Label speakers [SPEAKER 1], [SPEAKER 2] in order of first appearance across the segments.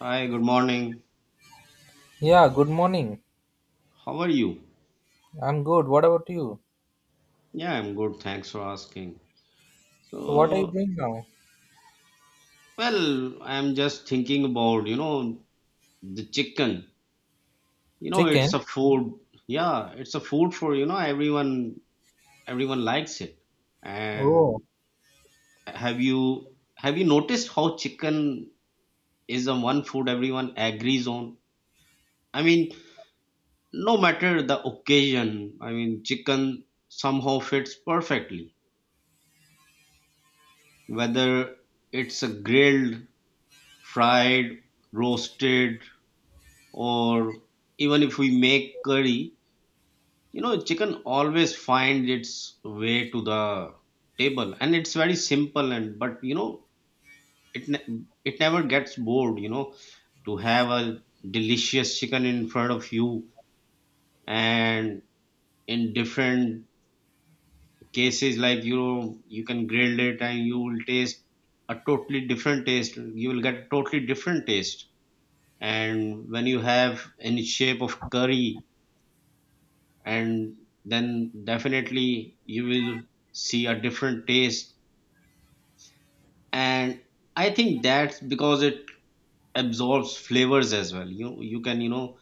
[SPEAKER 1] Hi, good morning.
[SPEAKER 2] Yeah, good morning.
[SPEAKER 1] How are you?
[SPEAKER 2] I'm good. What about you?
[SPEAKER 1] Yeah, I'm good. Thanks for asking.
[SPEAKER 2] So, what are you
[SPEAKER 1] So,
[SPEAKER 2] doing now?
[SPEAKER 1] well, I'm just thinking about, you know, the chicken. You know, it's
[SPEAKER 2] Chicken?
[SPEAKER 1] a food. Yeah, it's a food for, you know, everyone likes it.
[SPEAKER 2] Oh,
[SPEAKER 1] And have you noticed how chicken is the one food everyone agrees on? I mean, no matter the occasion, I mean, chicken somehow fits perfectly. Whether it's a grilled, fried, roasted, or even if we make curry, you know, chicken always find its way to the table, and it's very simple and but you know, it never gets bored. You know, to have a delicious chicken in front of you, and in different cases, like you know, you can grill it and you will taste a totally different taste. You will get a totally different taste, and when you have any shape of curry and then definitely you will see a different taste. And I think that's because it absorbs flavors as well. You can, you know,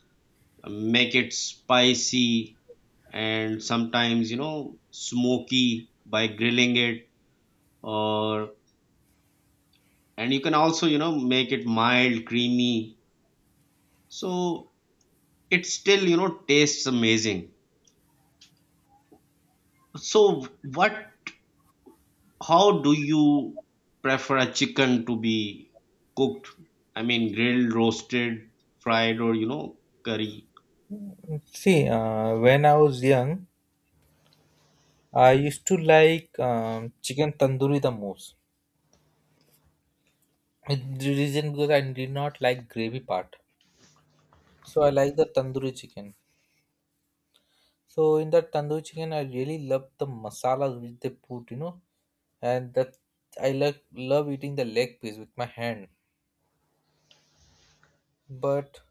[SPEAKER 1] make it spicy, and sometimes, you know, smoky by grilling it, or and you can also, you know, make it mild, creamy, so it still, you know, tastes amazing. So what how do you prefer a chicken to be cooked? I mean, grilled, roasted, fried, or you know, curry.
[SPEAKER 2] see, when I was young, I used to like chicken tandoori the most. The reason because I did not like gravy part. So, I like the tandoori chicken. So, in that tandoori chicken, I really love the masalas which they put, and that I love eating the leg piece with my hand. But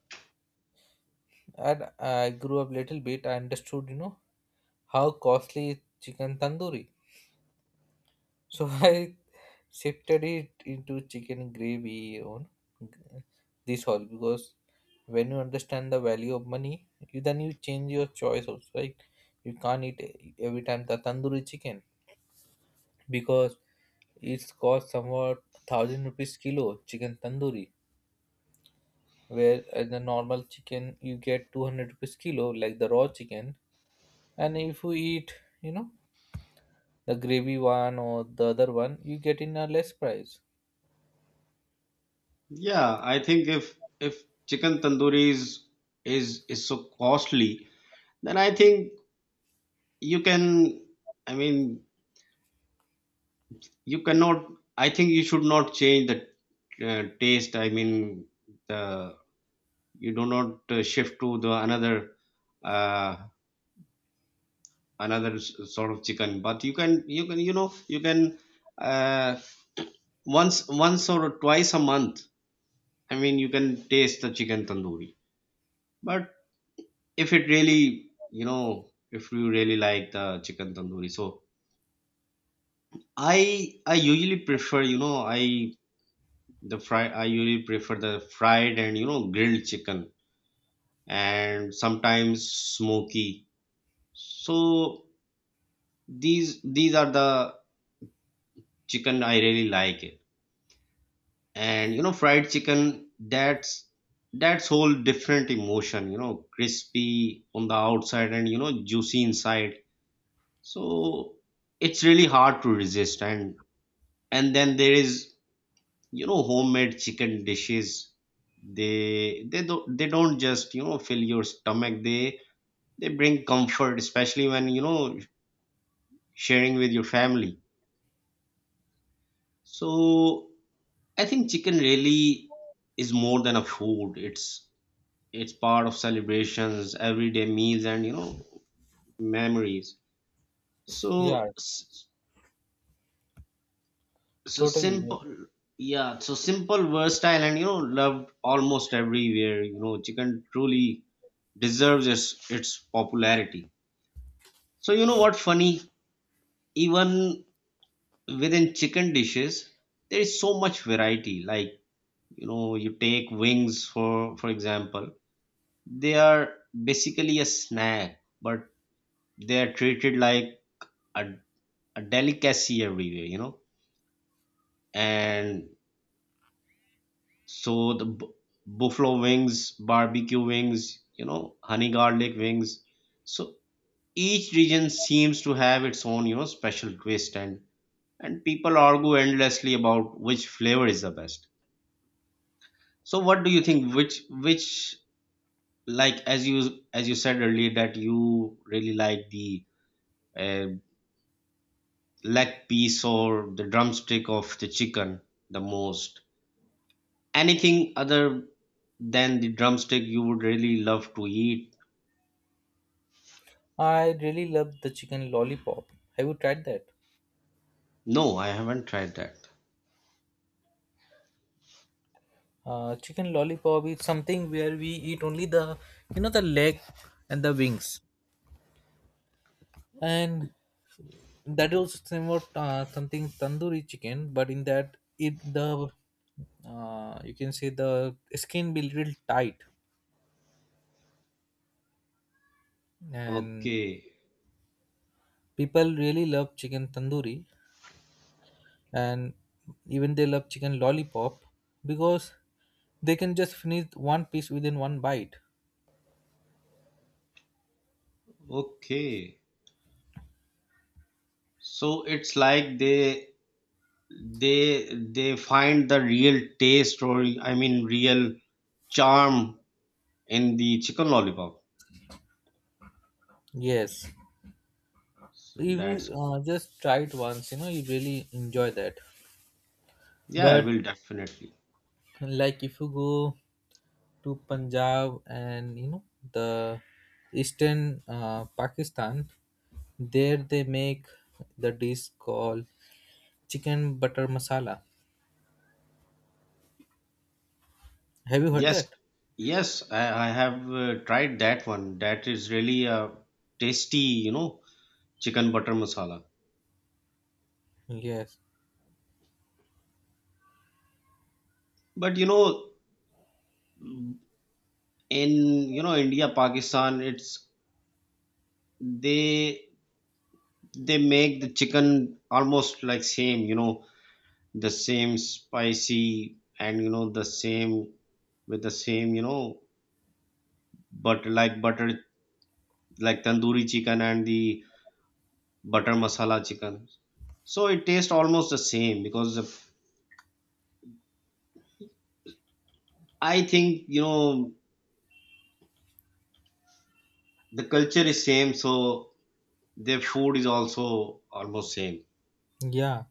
[SPEAKER 2] as I grew up little bit, I understood. How costly is chicken tandoori? So I shifted it into chicken gravy on this all because when you understand the value of money, then you change your choice also, right? You can't eat every time the tandoori chicken because it's cost somewhat 1000 rupees kilo chicken tandoori, where the normal chicken you get 200 rupees kilo like the raw chicken, and if you eat, you know, the gravy one or the other one you get in a less price.
[SPEAKER 1] Yeah, I think if chicken tandoori is so costly, then I think you can. I mean, you cannot. I think you should not change the taste. I mean, the you do not shift to the uh, another sort of chicken, but you can uh, once or twice a month. I mean, you can taste the chicken tandoori, but if it really you know if you really like the chicken tandoori, so I usually prefer, the fried and, you know, grilled chicken, and sometimes smoky. So these these are the chicken I really like it. And you know fried chicken, that's whole different emotion, you know, crispy on the outside and, you know, juicy inside. So it's really hard to resist. And then there is, you know, homemade chicken dishes. They don't just, you know, fill your stomach, they bring comfort, especially when, you know, sharing with your family. So I think chicken really is more than a food. It's part of celebrations, everyday meals, and, you know, memories.
[SPEAKER 2] Yeah,
[SPEAKER 1] So so
[SPEAKER 2] totally.
[SPEAKER 1] simple. Yeah, so simple, versatile, and, you know, loved almost everywhere. You know, chicken truly deserves its popularity. So you know what funny, even within chicken dishes there is so much variety. Like, you know, you take wings, for example. They are basically a snack, but they are treated like a a delicacy everywhere, you know. And so the buffalo wings, barbecue wings, you know, honey garlic wings. So each region seems to have its own, you know, special twist, and people argue endlessly about which flavor is the best. So what do you think, which like as you said earlier, that you really like the uh, leg piece or the drumstick of the chicken the most. Anything other than the drumstick you would really love to eat?
[SPEAKER 2] I really love the chicken lollipop. Have you tried that?
[SPEAKER 1] No, I haven't tried that.
[SPEAKER 2] Chicken lollipop is something where we eat only the you know the leg and the wings, and that is somewhat something tandoori chicken, but in that it the you can say the skin be little tight. And
[SPEAKER 1] Okay,
[SPEAKER 2] people really love chicken tandoori, and even they love chicken lollipop because they can just finish one piece within one bite.
[SPEAKER 1] okay. So it's like they find the real taste, or I mean real charm, in the chicken lollipop.
[SPEAKER 2] Yes,
[SPEAKER 1] So
[SPEAKER 2] if
[SPEAKER 1] that's
[SPEAKER 2] you just try it once, you really enjoy that.
[SPEAKER 1] Yeah, I
[SPEAKER 2] But
[SPEAKER 1] will definitely.
[SPEAKER 2] like if you go to Punjab, and the eastern Pakistan, there they make the dish called chicken butter masala. Have you heard that?
[SPEAKER 1] Yes, yes, I have tried that one. That is really a tasty, you know, chicken butter masala.
[SPEAKER 2] Yes.
[SPEAKER 1] But you know, in, you know, India, Pakistan, it's they they make the chicken almost like same, you know, the same spicy and, you know, the same, with the same, you know, but like butter, like tandoori chicken and the butter masala chicken. So it tastes almost the same because I think, you know, the culture is same, so their food is also almost same.
[SPEAKER 2] Yeah.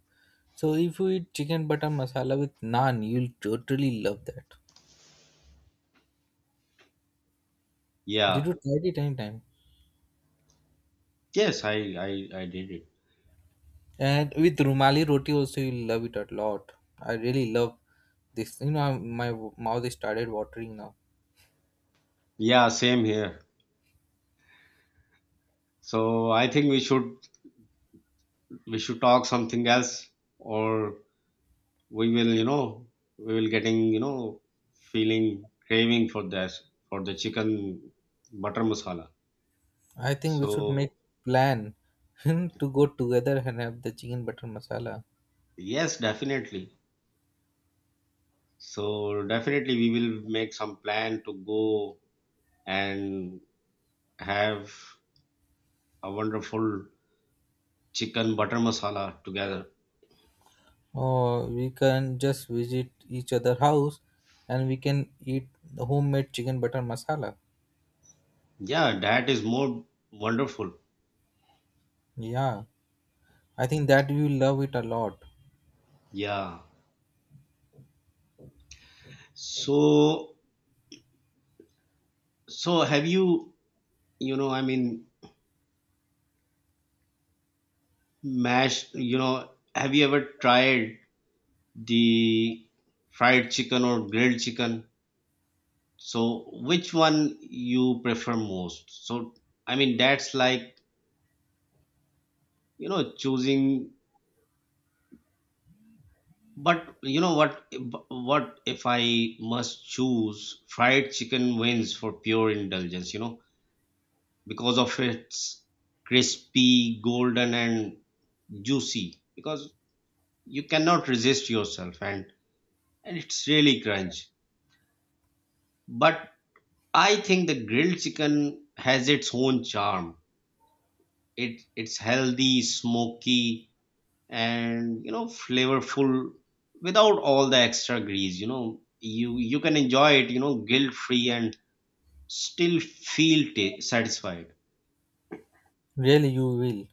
[SPEAKER 2] So if you eat chicken butter masala with naan, you'll totally love that. You
[SPEAKER 1] Yeah.
[SPEAKER 2] do try it anytime.
[SPEAKER 1] Yes, I did it.
[SPEAKER 2] And with rumali roti also, you'll love it a lot. I really love this. My mouth is started watering now.
[SPEAKER 1] Yeah, same here. So I think we should talk something else, or we will you know we will getting, you know, feeling craving for that, for the chicken butter masala.
[SPEAKER 2] I think we should make
[SPEAKER 1] So
[SPEAKER 2] plan to go together and have the chicken butter masala.
[SPEAKER 1] yes, definitely. So definitely we will make some plan to go and have a wonderful chicken butter masala together.
[SPEAKER 2] Or we can just visit each other house and we can eat the homemade chicken butter masala.
[SPEAKER 1] Yeah, that is more wonderful.
[SPEAKER 2] Yeah. I think that you love it a lot.
[SPEAKER 1] Yeah. So have you you know I mean Mash, you know, have you ever tried the fried chicken or grilled chicken? So which one you prefer most? So I mean that's like, you know, choosing, but you know what if I must choose, fried chicken wins for pure indulgence, you know, because of its crispy, golden and juicy, because you cannot resist yourself, and it's really crunch. But I think the grilled chicken has its own charm. It's healthy, smoky, and, you know, flavorful without all the extra grease. You know, you can enjoy it. You know, guilt free and still feel satisfied.
[SPEAKER 2] Really, you will.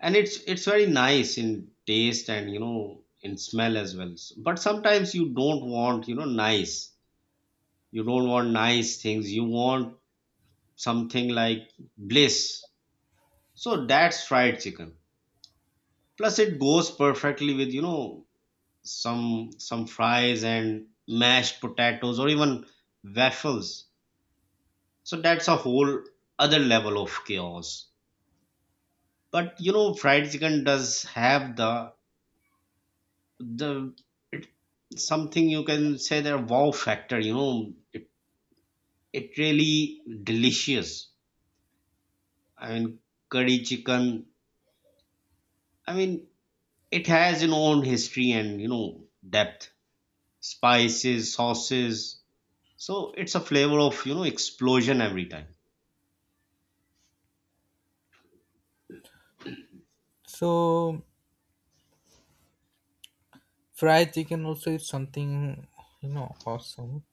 [SPEAKER 1] And it's very nice in taste and, you know, in smell as well. But sometimes you don't want, you know, nice. You don't want nice things. You want something like bliss. So that's fried chicken, plus it goes perfectly with, you know, some fries and mashed potatoes or even waffles. So that's a whole other level of chaos. But you know fried chicken does have the it, something you can say, the wow factor, you know, it really delicious. I mean, curry chicken, I mean, it has an own history and, you know, depth, spices, sauces. So it's a flavor of, you know, explosion every time.
[SPEAKER 2] So fried chicken also is something awesome.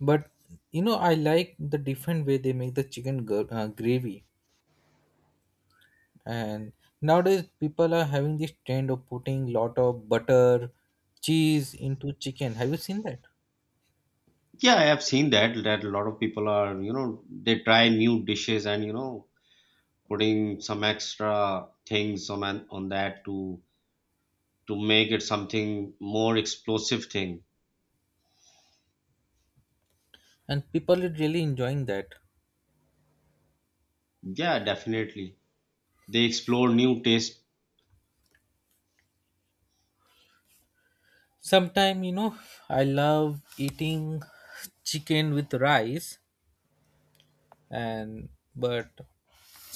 [SPEAKER 2] But I like the different way they make the chicken gravy. And nowadays people are having this trend of putting lot of butter, cheese into chicken. Have you seen that?
[SPEAKER 1] Yeah, I have seen that a lot of people are, you know, they try new dishes and, you know, putting some extra things on that to make it something more explosive thing.
[SPEAKER 2] And people are really enjoying that.
[SPEAKER 1] Yeah, definitely. They explore new taste.
[SPEAKER 2] Sometime, I love eating chicken with rice, and but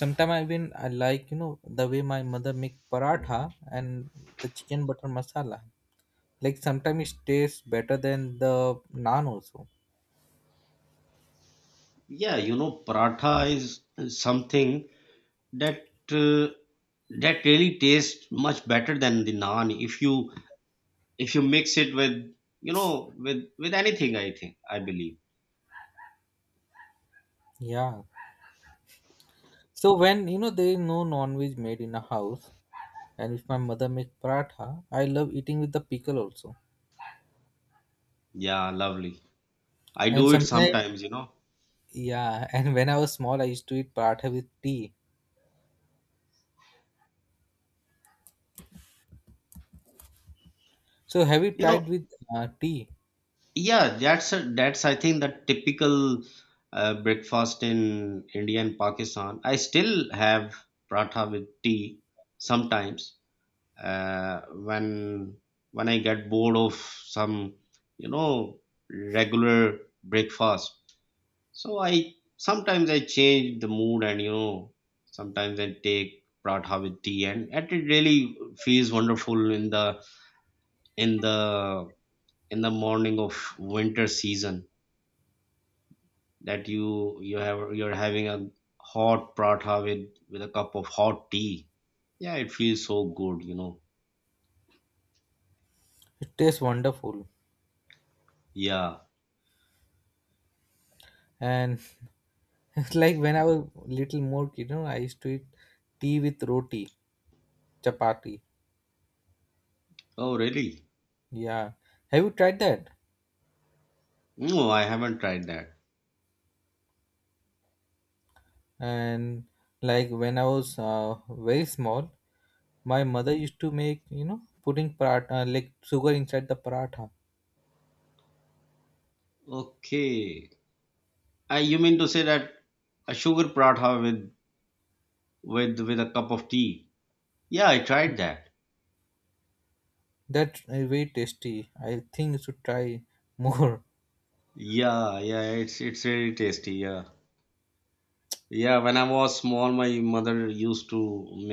[SPEAKER 2] sometimes I like the way my mother make paratha and the chicken butter masala. Like sometimes it tastes better than the naan also.
[SPEAKER 1] Yeah, you know, paratha is something that uh, that really tastes much better than the naan if you mix it with, you know, with anything, I think, I believe.
[SPEAKER 2] Yeah. So when you know there is no non-veg made in a house, and if my mother make paratha, I love eating with the pickle also.
[SPEAKER 1] Yeah, lovely. I
[SPEAKER 2] And
[SPEAKER 1] do it
[SPEAKER 2] sometimes,
[SPEAKER 1] sometimes, you know.
[SPEAKER 2] yeah. And when I was small, I used to eat paratha with tea. So have you
[SPEAKER 1] You
[SPEAKER 2] tried
[SPEAKER 1] know,
[SPEAKER 2] with tea?
[SPEAKER 1] yeah, that's I think the typical breakfast in India and Pakistan. I still have paratha with tea sometimes, uh, when when I get bored of some, you know, regular breakfast. So I sometimes I change the mood and, you know, sometimes I take paratha with tea, and it really feels wonderful in the in the in the morning of winter season, that you're having a hot paratha with a cup of hot tea. Yeah, it feels so good, you know.
[SPEAKER 2] It tastes wonderful.
[SPEAKER 1] Yeah.
[SPEAKER 2] And it's like when I was little more kid, I used to eat tea with roti, chapati.
[SPEAKER 1] Oh really?
[SPEAKER 2] Yeah, have you tried that?
[SPEAKER 1] No, I haven't tried that.
[SPEAKER 2] And like when I was very small, my mother used to make putting paratha like sugar inside the paratha.
[SPEAKER 1] Okay. You mean to say that a sugar paratha with with a cup of tea. Yeah, I tried that.
[SPEAKER 2] That's very tasty. I think you should try more.
[SPEAKER 1] Yeah, yeah, it's really tasty. Yeah, yeah, when I was small, my mother used to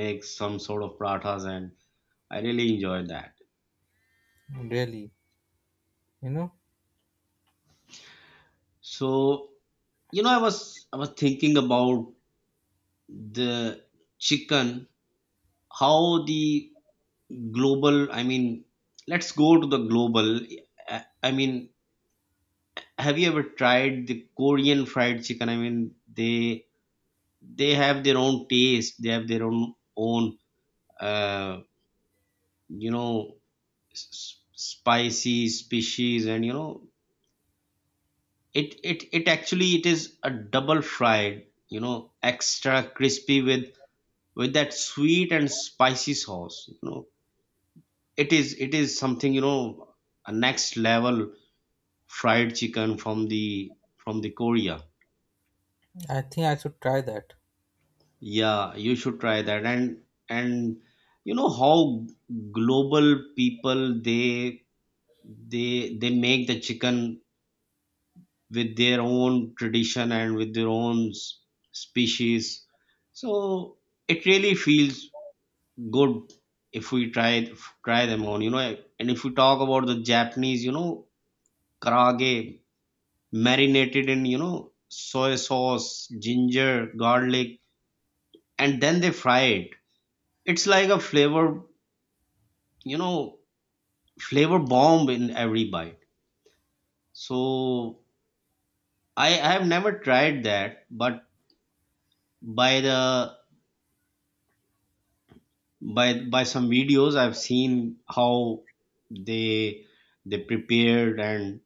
[SPEAKER 1] make some sort of parathas, and I really enjoyed that.
[SPEAKER 2] Really, you know,
[SPEAKER 1] So, you know, I was thinking about the chicken, how the global, I mean, let's go to the global. I mean, have you ever tried the Korean fried chicken? I mean, they have their own taste, they have their own uh, you know, spicy species, and, you know, it actually it is a double fried, you know, extra crispy with that sweet and spicy sauce, you know. It is something, you know, a next level fried chicken from the Korea.
[SPEAKER 2] I think I should try that.
[SPEAKER 1] Yeah, you should try that. And you know how global people they make the chicken with their own tradition and with their own species. So it really feels good if we try them on, you know. And if we talk about the Japanese, you know, karage marinated in, you know, soy sauce, ginger, garlic, and then they fry it. It's like a flavor, you know, flavor bomb in every bite. So I have never tried that, but by the by by some videos I've seen how they they prepared and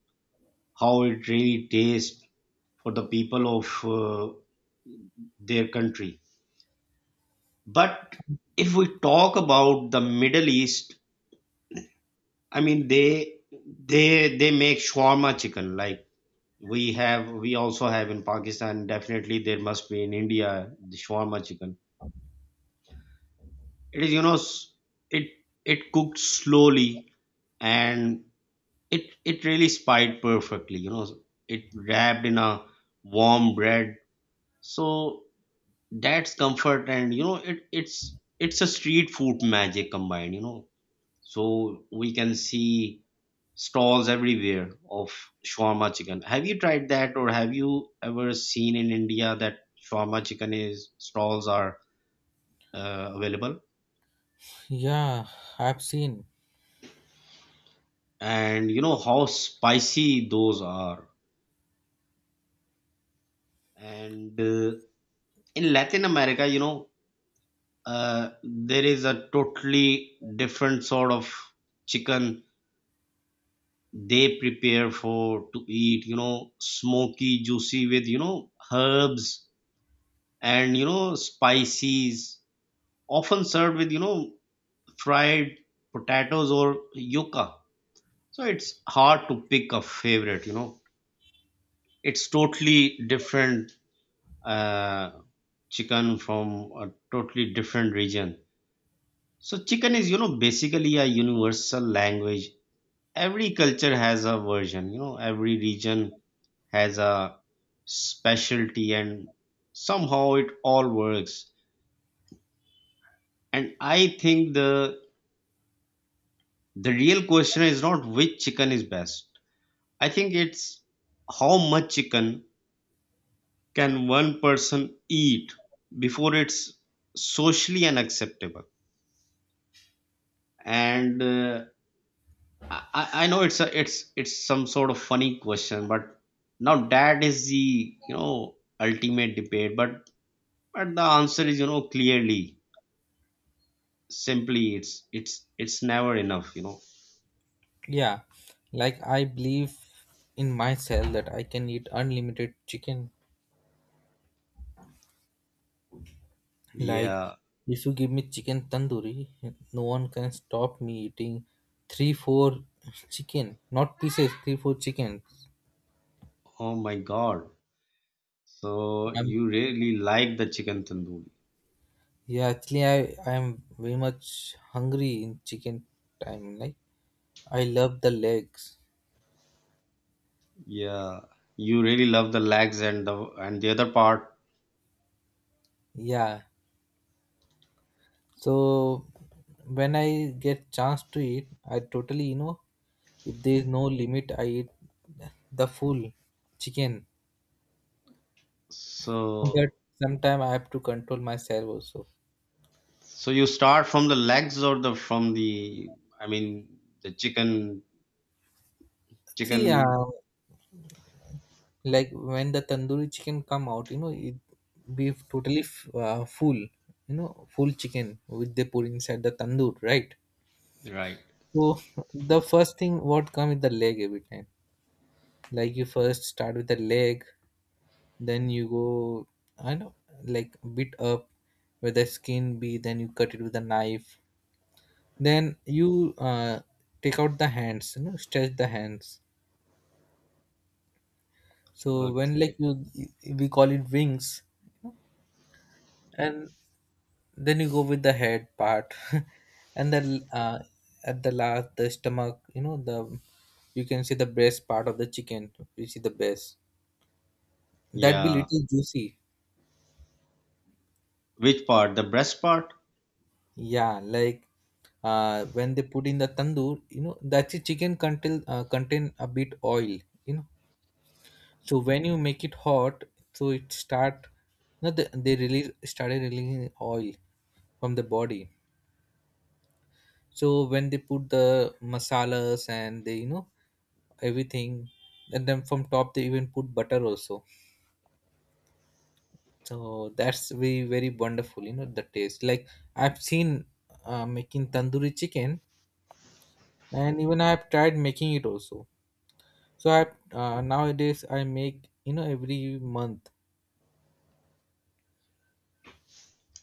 [SPEAKER 1] how it really tastes for the people of their country. But if we talk about the Middle East, I mean, they make shawarma chicken like we also have in Pakistan. Definitely there must be in India the shawarma chicken. It is, you know, it it cooked slowly, and it really spied perfectly. You know, it wrapped in a warm bread. So that's comfort and it's a street food magic combined. So we can see stalls everywhere of shawarma chicken. Have you tried that, or have you ever seen in India that shawarma chicken is stalls are available?
[SPEAKER 2] Yeah, I've seen.
[SPEAKER 1] And you know how spicy those are. And in Latin America, there is a totally different sort of chicken they prepare for to eat, smoky, juicy, with herbs and spices, often served with fried potatoes or yuca. So it's hard to pick a favorite. It's totally different uh, chicken from a totally different region. So chicken is, you know, basically a universal language. Every culture has a version, every region has a specialty, and somehow it all works. And I think the real question is not which chicken is best. I think it's, how much chicken can one person eat before it's socially unacceptable? And I know it's a it's it's some sort of funny question, but now that is the, you know, ultimate debate. But the answer is, you know, clearly, simply, it's never enough, you know.
[SPEAKER 2] Yeah, like I believe in myself that I can eat unlimited chicken. Like,
[SPEAKER 1] Yeah.
[SPEAKER 2] if you give me chicken tandoori, no one can stop me eating three, four chicken, not pieces, three, four chicken.
[SPEAKER 1] Oh my God. So
[SPEAKER 2] I'm
[SPEAKER 1] you really like the chicken tandoori.
[SPEAKER 2] yeah, actually I am very much hungry in chicken time. Like, I love the legs.
[SPEAKER 1] Yeah. You really love the legs and the other part.
[SPEAKER 2] Yeah, so when I get chance to eat, I totally. If there is no limit, I eat the full chicken. But
[SPEAKER 1] So
[SPEAKER 2] sometimes I have to control myself also.
[SPEAKER 1] so you start from the legs or the from the, I mean the chicken
[SPEAKER 2] See,
[SPEAKER 1] chicken
[SPEAKER 2] like when the tandoori chicken come out, it be totally full chicken which they put inside the tandoor, right?
[SPEAKER 1] Right.
[SPEAKER 2] So the first thing what come is the leg every time. Like you first start with the leg, then you go, I know, like bit up where the skin be, then you cut it with a knife, then you take out the hands, stretch the hands. So when like
[SPEAKER 1] Okay.
[SPEAKER 2] you we call it wings, and then you go with the head part. And then at the last the stomach, you can see the breast part of the chicken. You see the breast, that be
[SPEAKER 1] Yeah.
[SPEAKER 2] little juicy.
[SPEAKER 1] Which part? The breast part?
[SPEAKER 2] Yeah, like when they put in the tandoor, that's the chicken contain a bit oil, you know so when you make it hot, so it start. No, they, they release started releasing oil from the body. So when they put the masalas, and they everything, and then from top they even put butter also. So that's very very wonderful, the taste. Like I've seen making tandoori chicken, and even I've tried making it also. So i uh, nowadays I make every month.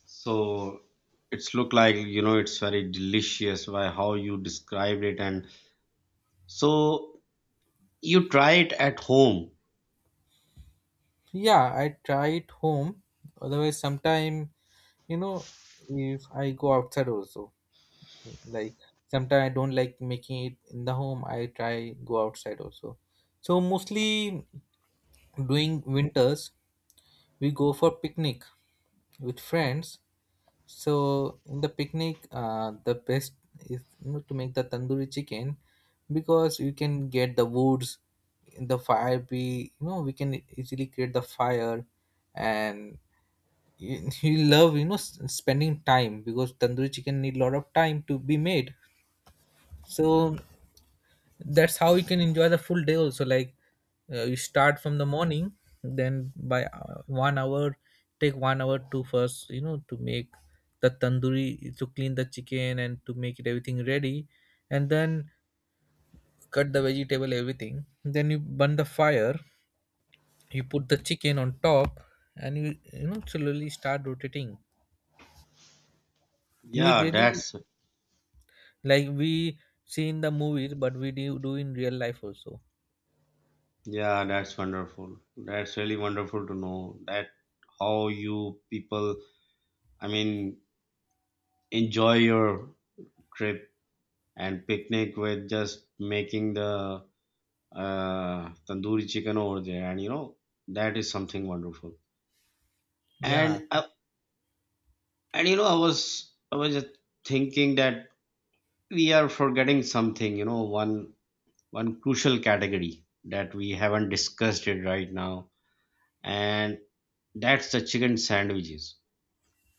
[SPEAKER 1] So it's look like, you know, it's very delicious by how you described it, and so you try it at home.
[SPEAKER 2] Yeah, I try it home. Otherwise, sometime you know, if I go outside also, like sometimes I don't like making it in the home. I try go outside also. So mostly during winters, we go for picnic with friends. So in the picnic, the best is, to make the tandoori chicken because you can get the woods, the fire. Be, we can easily create the fire. And he he love, spending time because tandoori chicken need a lot of time to be made. So that's how you can enjoy the full day also. Like you start from the morning, then by 1 hour, take 1 hour to first, to make the tandoori, to clean the chicken and to make it everything ready. And then cut the vegetable, everything, then you burn the fire, you put the chicken on top, and you know slowly start rotating. You will
[SPEAKER 1] Yeah,
[SPEAKER 2] really,
[SPEAKER 1] that's
[SPEAKER 2] like, we see in the movies, but we do in real life also.
[SPEAKER 1] yeah, that's wonderful. That's really wonderful to know that how you people, I mean, enjoy your trip and picnic with just making the tandoori chicken over there, and you know that is something wonderful.
[SPEAKER 2] Yeah.
[SPEAKER 1] And you know, I was just thinking that we are forgetting something, you know, one crucial category that we haven't discussed it right now, and that's the chicken sandwiches.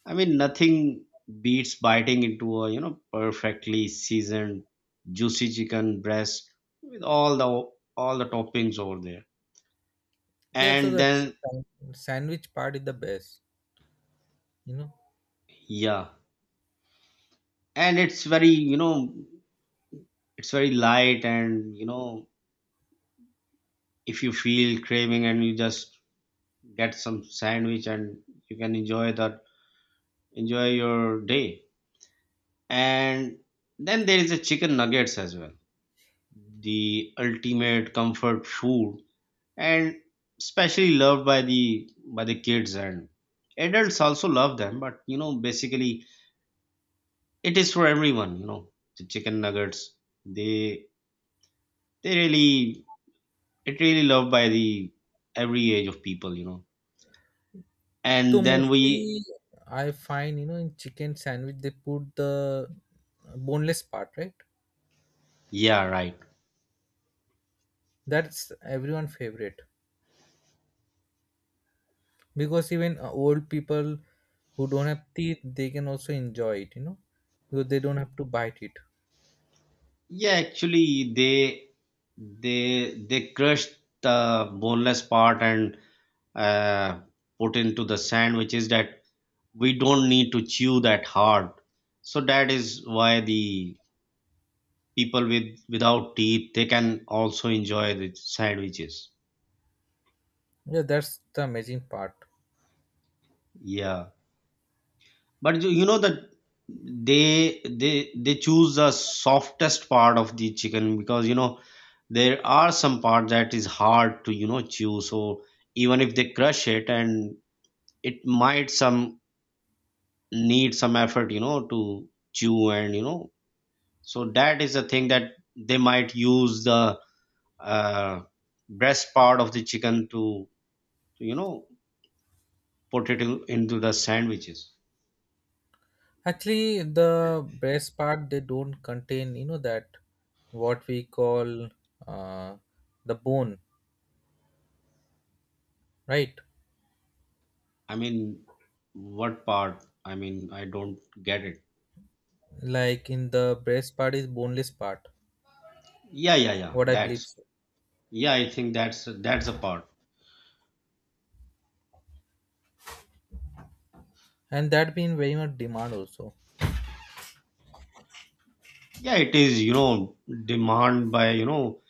[SPEAKER 1] I mean, nothing beats biting into a, you know, perfectly seasoned, juicy chicken breast with all the toppings over there.
[SPEAKER 2] Yeah, so
[SPEAKER 1] And
[SPEAKER 2] the
[SPEAKER 1] then
[SPEAKER 2] sandwich part is the best you know
[SPEAKER 1] yeah, and it's very, you know, it's very light, and, you know, if you feel craving and you just get some sandwich and you can enjoy the enjoy your day. And then there is a chicken nuggets as well, the ultimate comfort food, and especially loved by the kids, and adults also love them, but you know basically it is for everyone, you know, the chicken nuggets, they they really, it really loved by the every age of people, you know.
[SPEAKER 2] so
[SPEAKER 1] And then
[SPEAKER 2] mostly
[SPEAKER 1] we,
[SPEAKER 2] I find, in chicken sandwich they put the boneless part, right?
[SPEAKER 1] yeah, right.
[SPEAKER 2] That's everyone favorite, because even old people who don't have teeth they can also enjoy it, because they don't have to bite it.
[SPEAKER 1] Yeah, actually, they crushed the boneless part and uh, put into the sand, which is that we don't need to chew that hard. So that is why the people with without teeth they can also enjoy the sandwiches.
[SPEAKER 2] Yeah, that's the amazing part.
[SPEAKER 1] Yeah. But you know that they choose the softest part of the chicken, because you know there are some part that is hard to, you know, chew. So even if they crush it and it might some, need some effort, you know, to chew, and you know, so that is the thing, that they might use the uh, breast part of the chicken to, you know, put it in, into the sandwiches.
[SPEAKER 2] Actually, the breast part they don't contain, that what we call uh, the bone, right?
[SPEAKER 1] I mean, what part? I mean, I don't get it.
[SPEAKER 2] Like in the breast part is boneless part,
[SPEAKER 1] Yeah, yeah, yeah.
[SPEAKER 2] what I believe,
[SPEAKER 1] That's
[SPEAKER 2] so.
[SPEAKER 1] Yeah, I think that's the part.
[SPEAKER 2] And that been very much demand also.
[SPEAKER 1] Yeah, it is. You know, demand by you know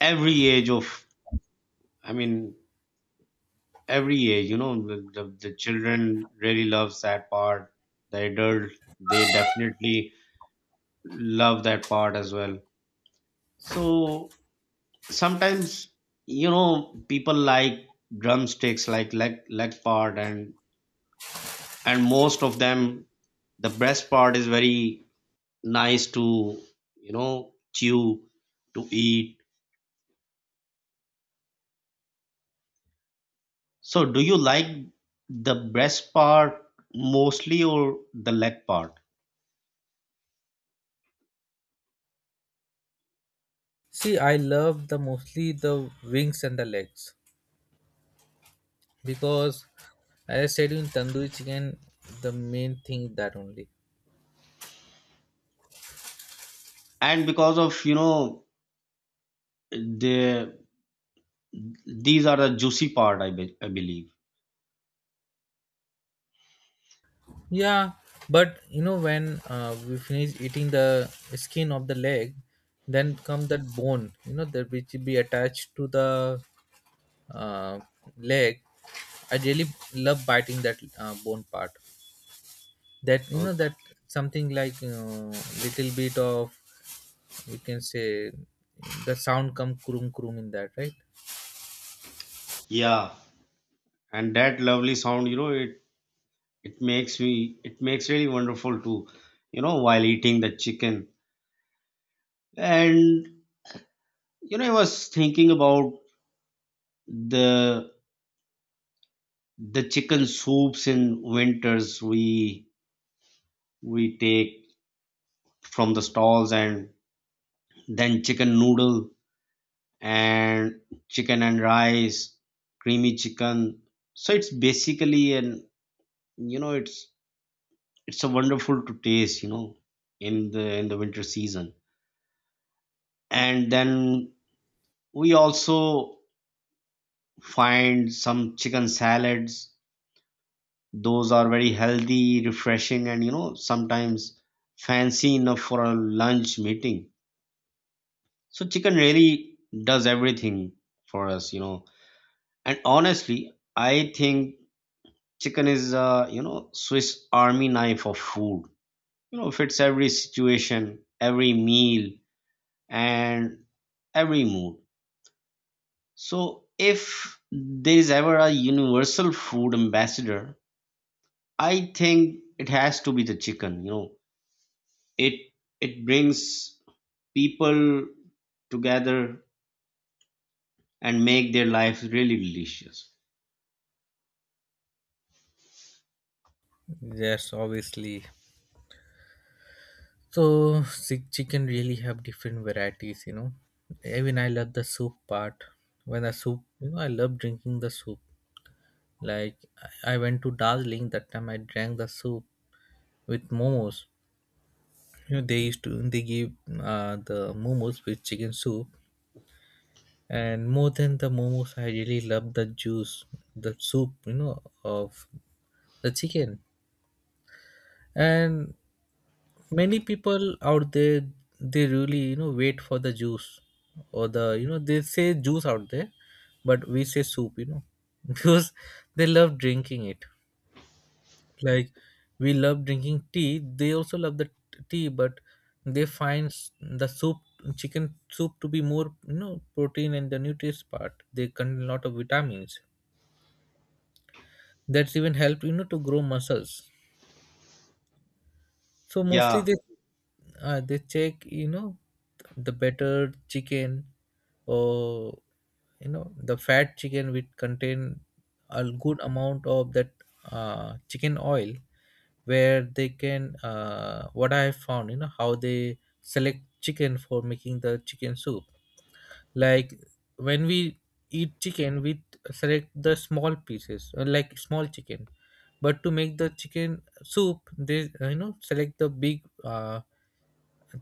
[SPEAKER 1] every age of. I mean, every age. You know, the children really loves that part. The adult, they definitely love that part as well. So sometimes you know people like drumsticks, like leg part, and most of them, the breast part is very nice to, you know, chew, to eat. So do you like the breast part mostly or the leg part?
[SPEAKER 2] See, I love the mostly the wings and the legs because, as I said, in tandoori chicken, the main thing is that only.
[SPEAKER 1] And because of, you know, the, these are the juicy part, I believe.
[SPEAKER 2] Yeah, but when we finish eating the skin of the leg, then come that bone, that which be attached to the uh, leg. I really love biting that bone part. That you know
[SPEAKER 1] Okay.
[SPEAKER 2] that something, little bit of, you can say the sound come krum krum in that, right.
[SPEAKER 1] Yeah, and that lovely sound, you know, it makes me, it makes really wonderful to, you know, while eating the chicken. And you know, I was thinking about the the chicken soups in winters, we take from the stalls, and then chicken noodle and chicken and rice, creamy chicken. So it's basically, and you know, it's a wonderful to taste, you know, in the winter season. And then we also find some chicken salads, those are very healthy, refreshing, and you know, sometimes fancy enough for a lunch meeting. So chicken really does everything for us, you know. And honestly, I think chicken is a, you know, Swiss army knife of food. You know, fits every situation, every meal, and every mood. So if there is ever a universal food ambassador, I think it has to be the chicken, you know. It it brings people together, and make their lives really delicious.
[SPEAKER 2] Yes, obviously. So sick chicken really have different varieties. Even I love the soup part. When the soup, I love drinking the soup. Like I went to Darjeeling that time. I drank the soup with momos. You know, they used to they give the momos with chicken soup, and more than the momos, I really love the juice, the soup, of the chicken. And many people out there they really wait for the juice, or they say juice out there, but we say soup because they love drinking it. Like we love drinking tea, they also love the tea, but they find the soup, chicken soup, to be more, protein, and the nutrients part they contain a lot of vitamins, that's even help, to grow muscles. So mostly
[SPEAKER 1] Yeah.
[SPEAKER 2] they check, the better chicken, or the fat chicken which contain a good amount of that chicken oil, where they can what I have found, how they select chicken for making the chicken soup. Like when we eat chicken, we select the small pieces, like small chicken. But to make the chicken soup, they select the big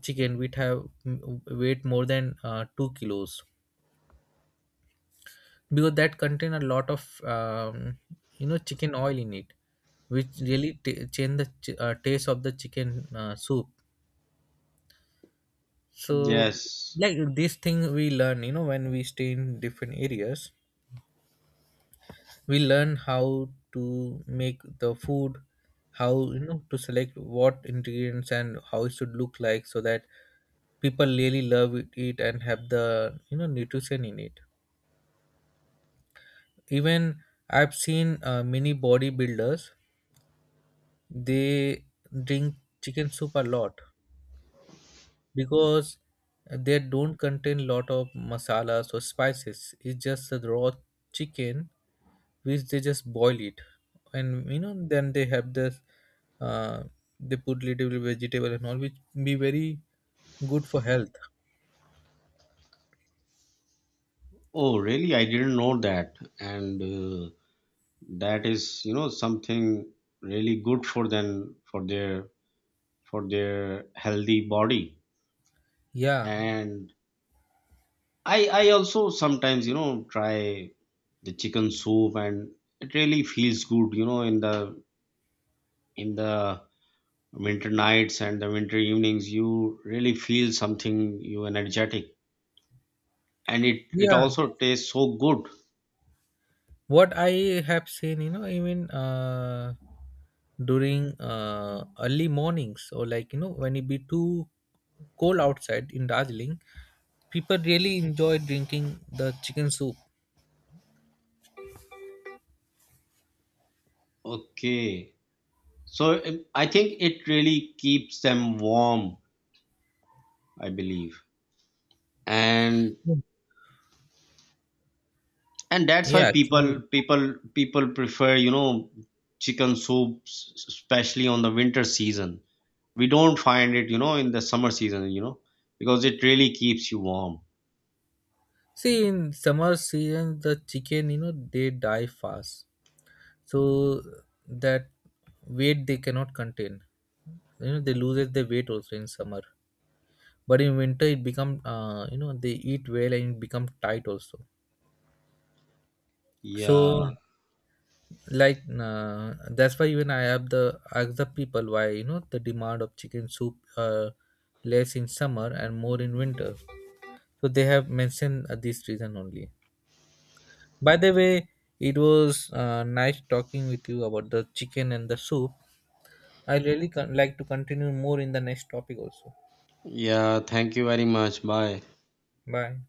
[SPEAKER 2] chicken which have weight more than 2 kilos, because that contain a lot of chicken oil in it, which really change the taste of the chicken soup. So
[SPEAKER 1] Yes.
[SPEAKER 2] like this thing we learn, when we stay in different areas, we learn how to make the food, how to select what ingredients and how it should look like so that people really love it and have the nutrition in it. Even I've seen many bodybuilders, they drink chicken soup a lot, because they don't contain lot of masalas or spices, it's just the raw chicken which they just boil it, and then they have this uh, they put little vegetable and all, which be very good for health.
[SPEAKER 1] Oh, really? I didn't know that. And That is, you know, something really good for them, for their healthy body.
[SPEAKER 2] Yeah.
[SPEAKER 1] And I also sometimes, you know, try the chicken soup, and it really feels good, you know, in the winter nights and the winter evenings, you really feel something you energetic. And it
[SPEAKER 2] Yeah,
[SPEAKER 1] also tastes so good.
[SPEAKER 2] what I have seen, even during early mornings, or like when it be too cold outside in Darjeeling, people really enjoy drinking the chicken soup.
[SPEAKER 1] Okay. So I think it really keeps them warm, I believe. And
[SPEAKER 2] Mm.
[SPEAKER 1] and that's why
[SPEAKER 2] Yeah, actually.
[SPEAKER 1] people prefer, you know, chicken soups especially on the winter season. We don't find it, you know, in the summer season, you know, because it really keeps you warm.
[SPEAKER 2] See, in summer season the chicken they die fast, so that weight they cannot contain, they lose their weight also in summer, but in winter it become they eat well and become tight also. So
[SPEAKER 1] Yeah.
[SPEAKER 2] like that's why even I have the ask the people why the demand of chicken soup less in summer and more in winter. So they have mentioned this reason only. By the way, it was nice talking with you about the chicken and the soup. I really like to continue more in the next topic also.
[SPEAKER 1] Yeah, thank you very much. Bye.
[SPEAKER 2] Bye.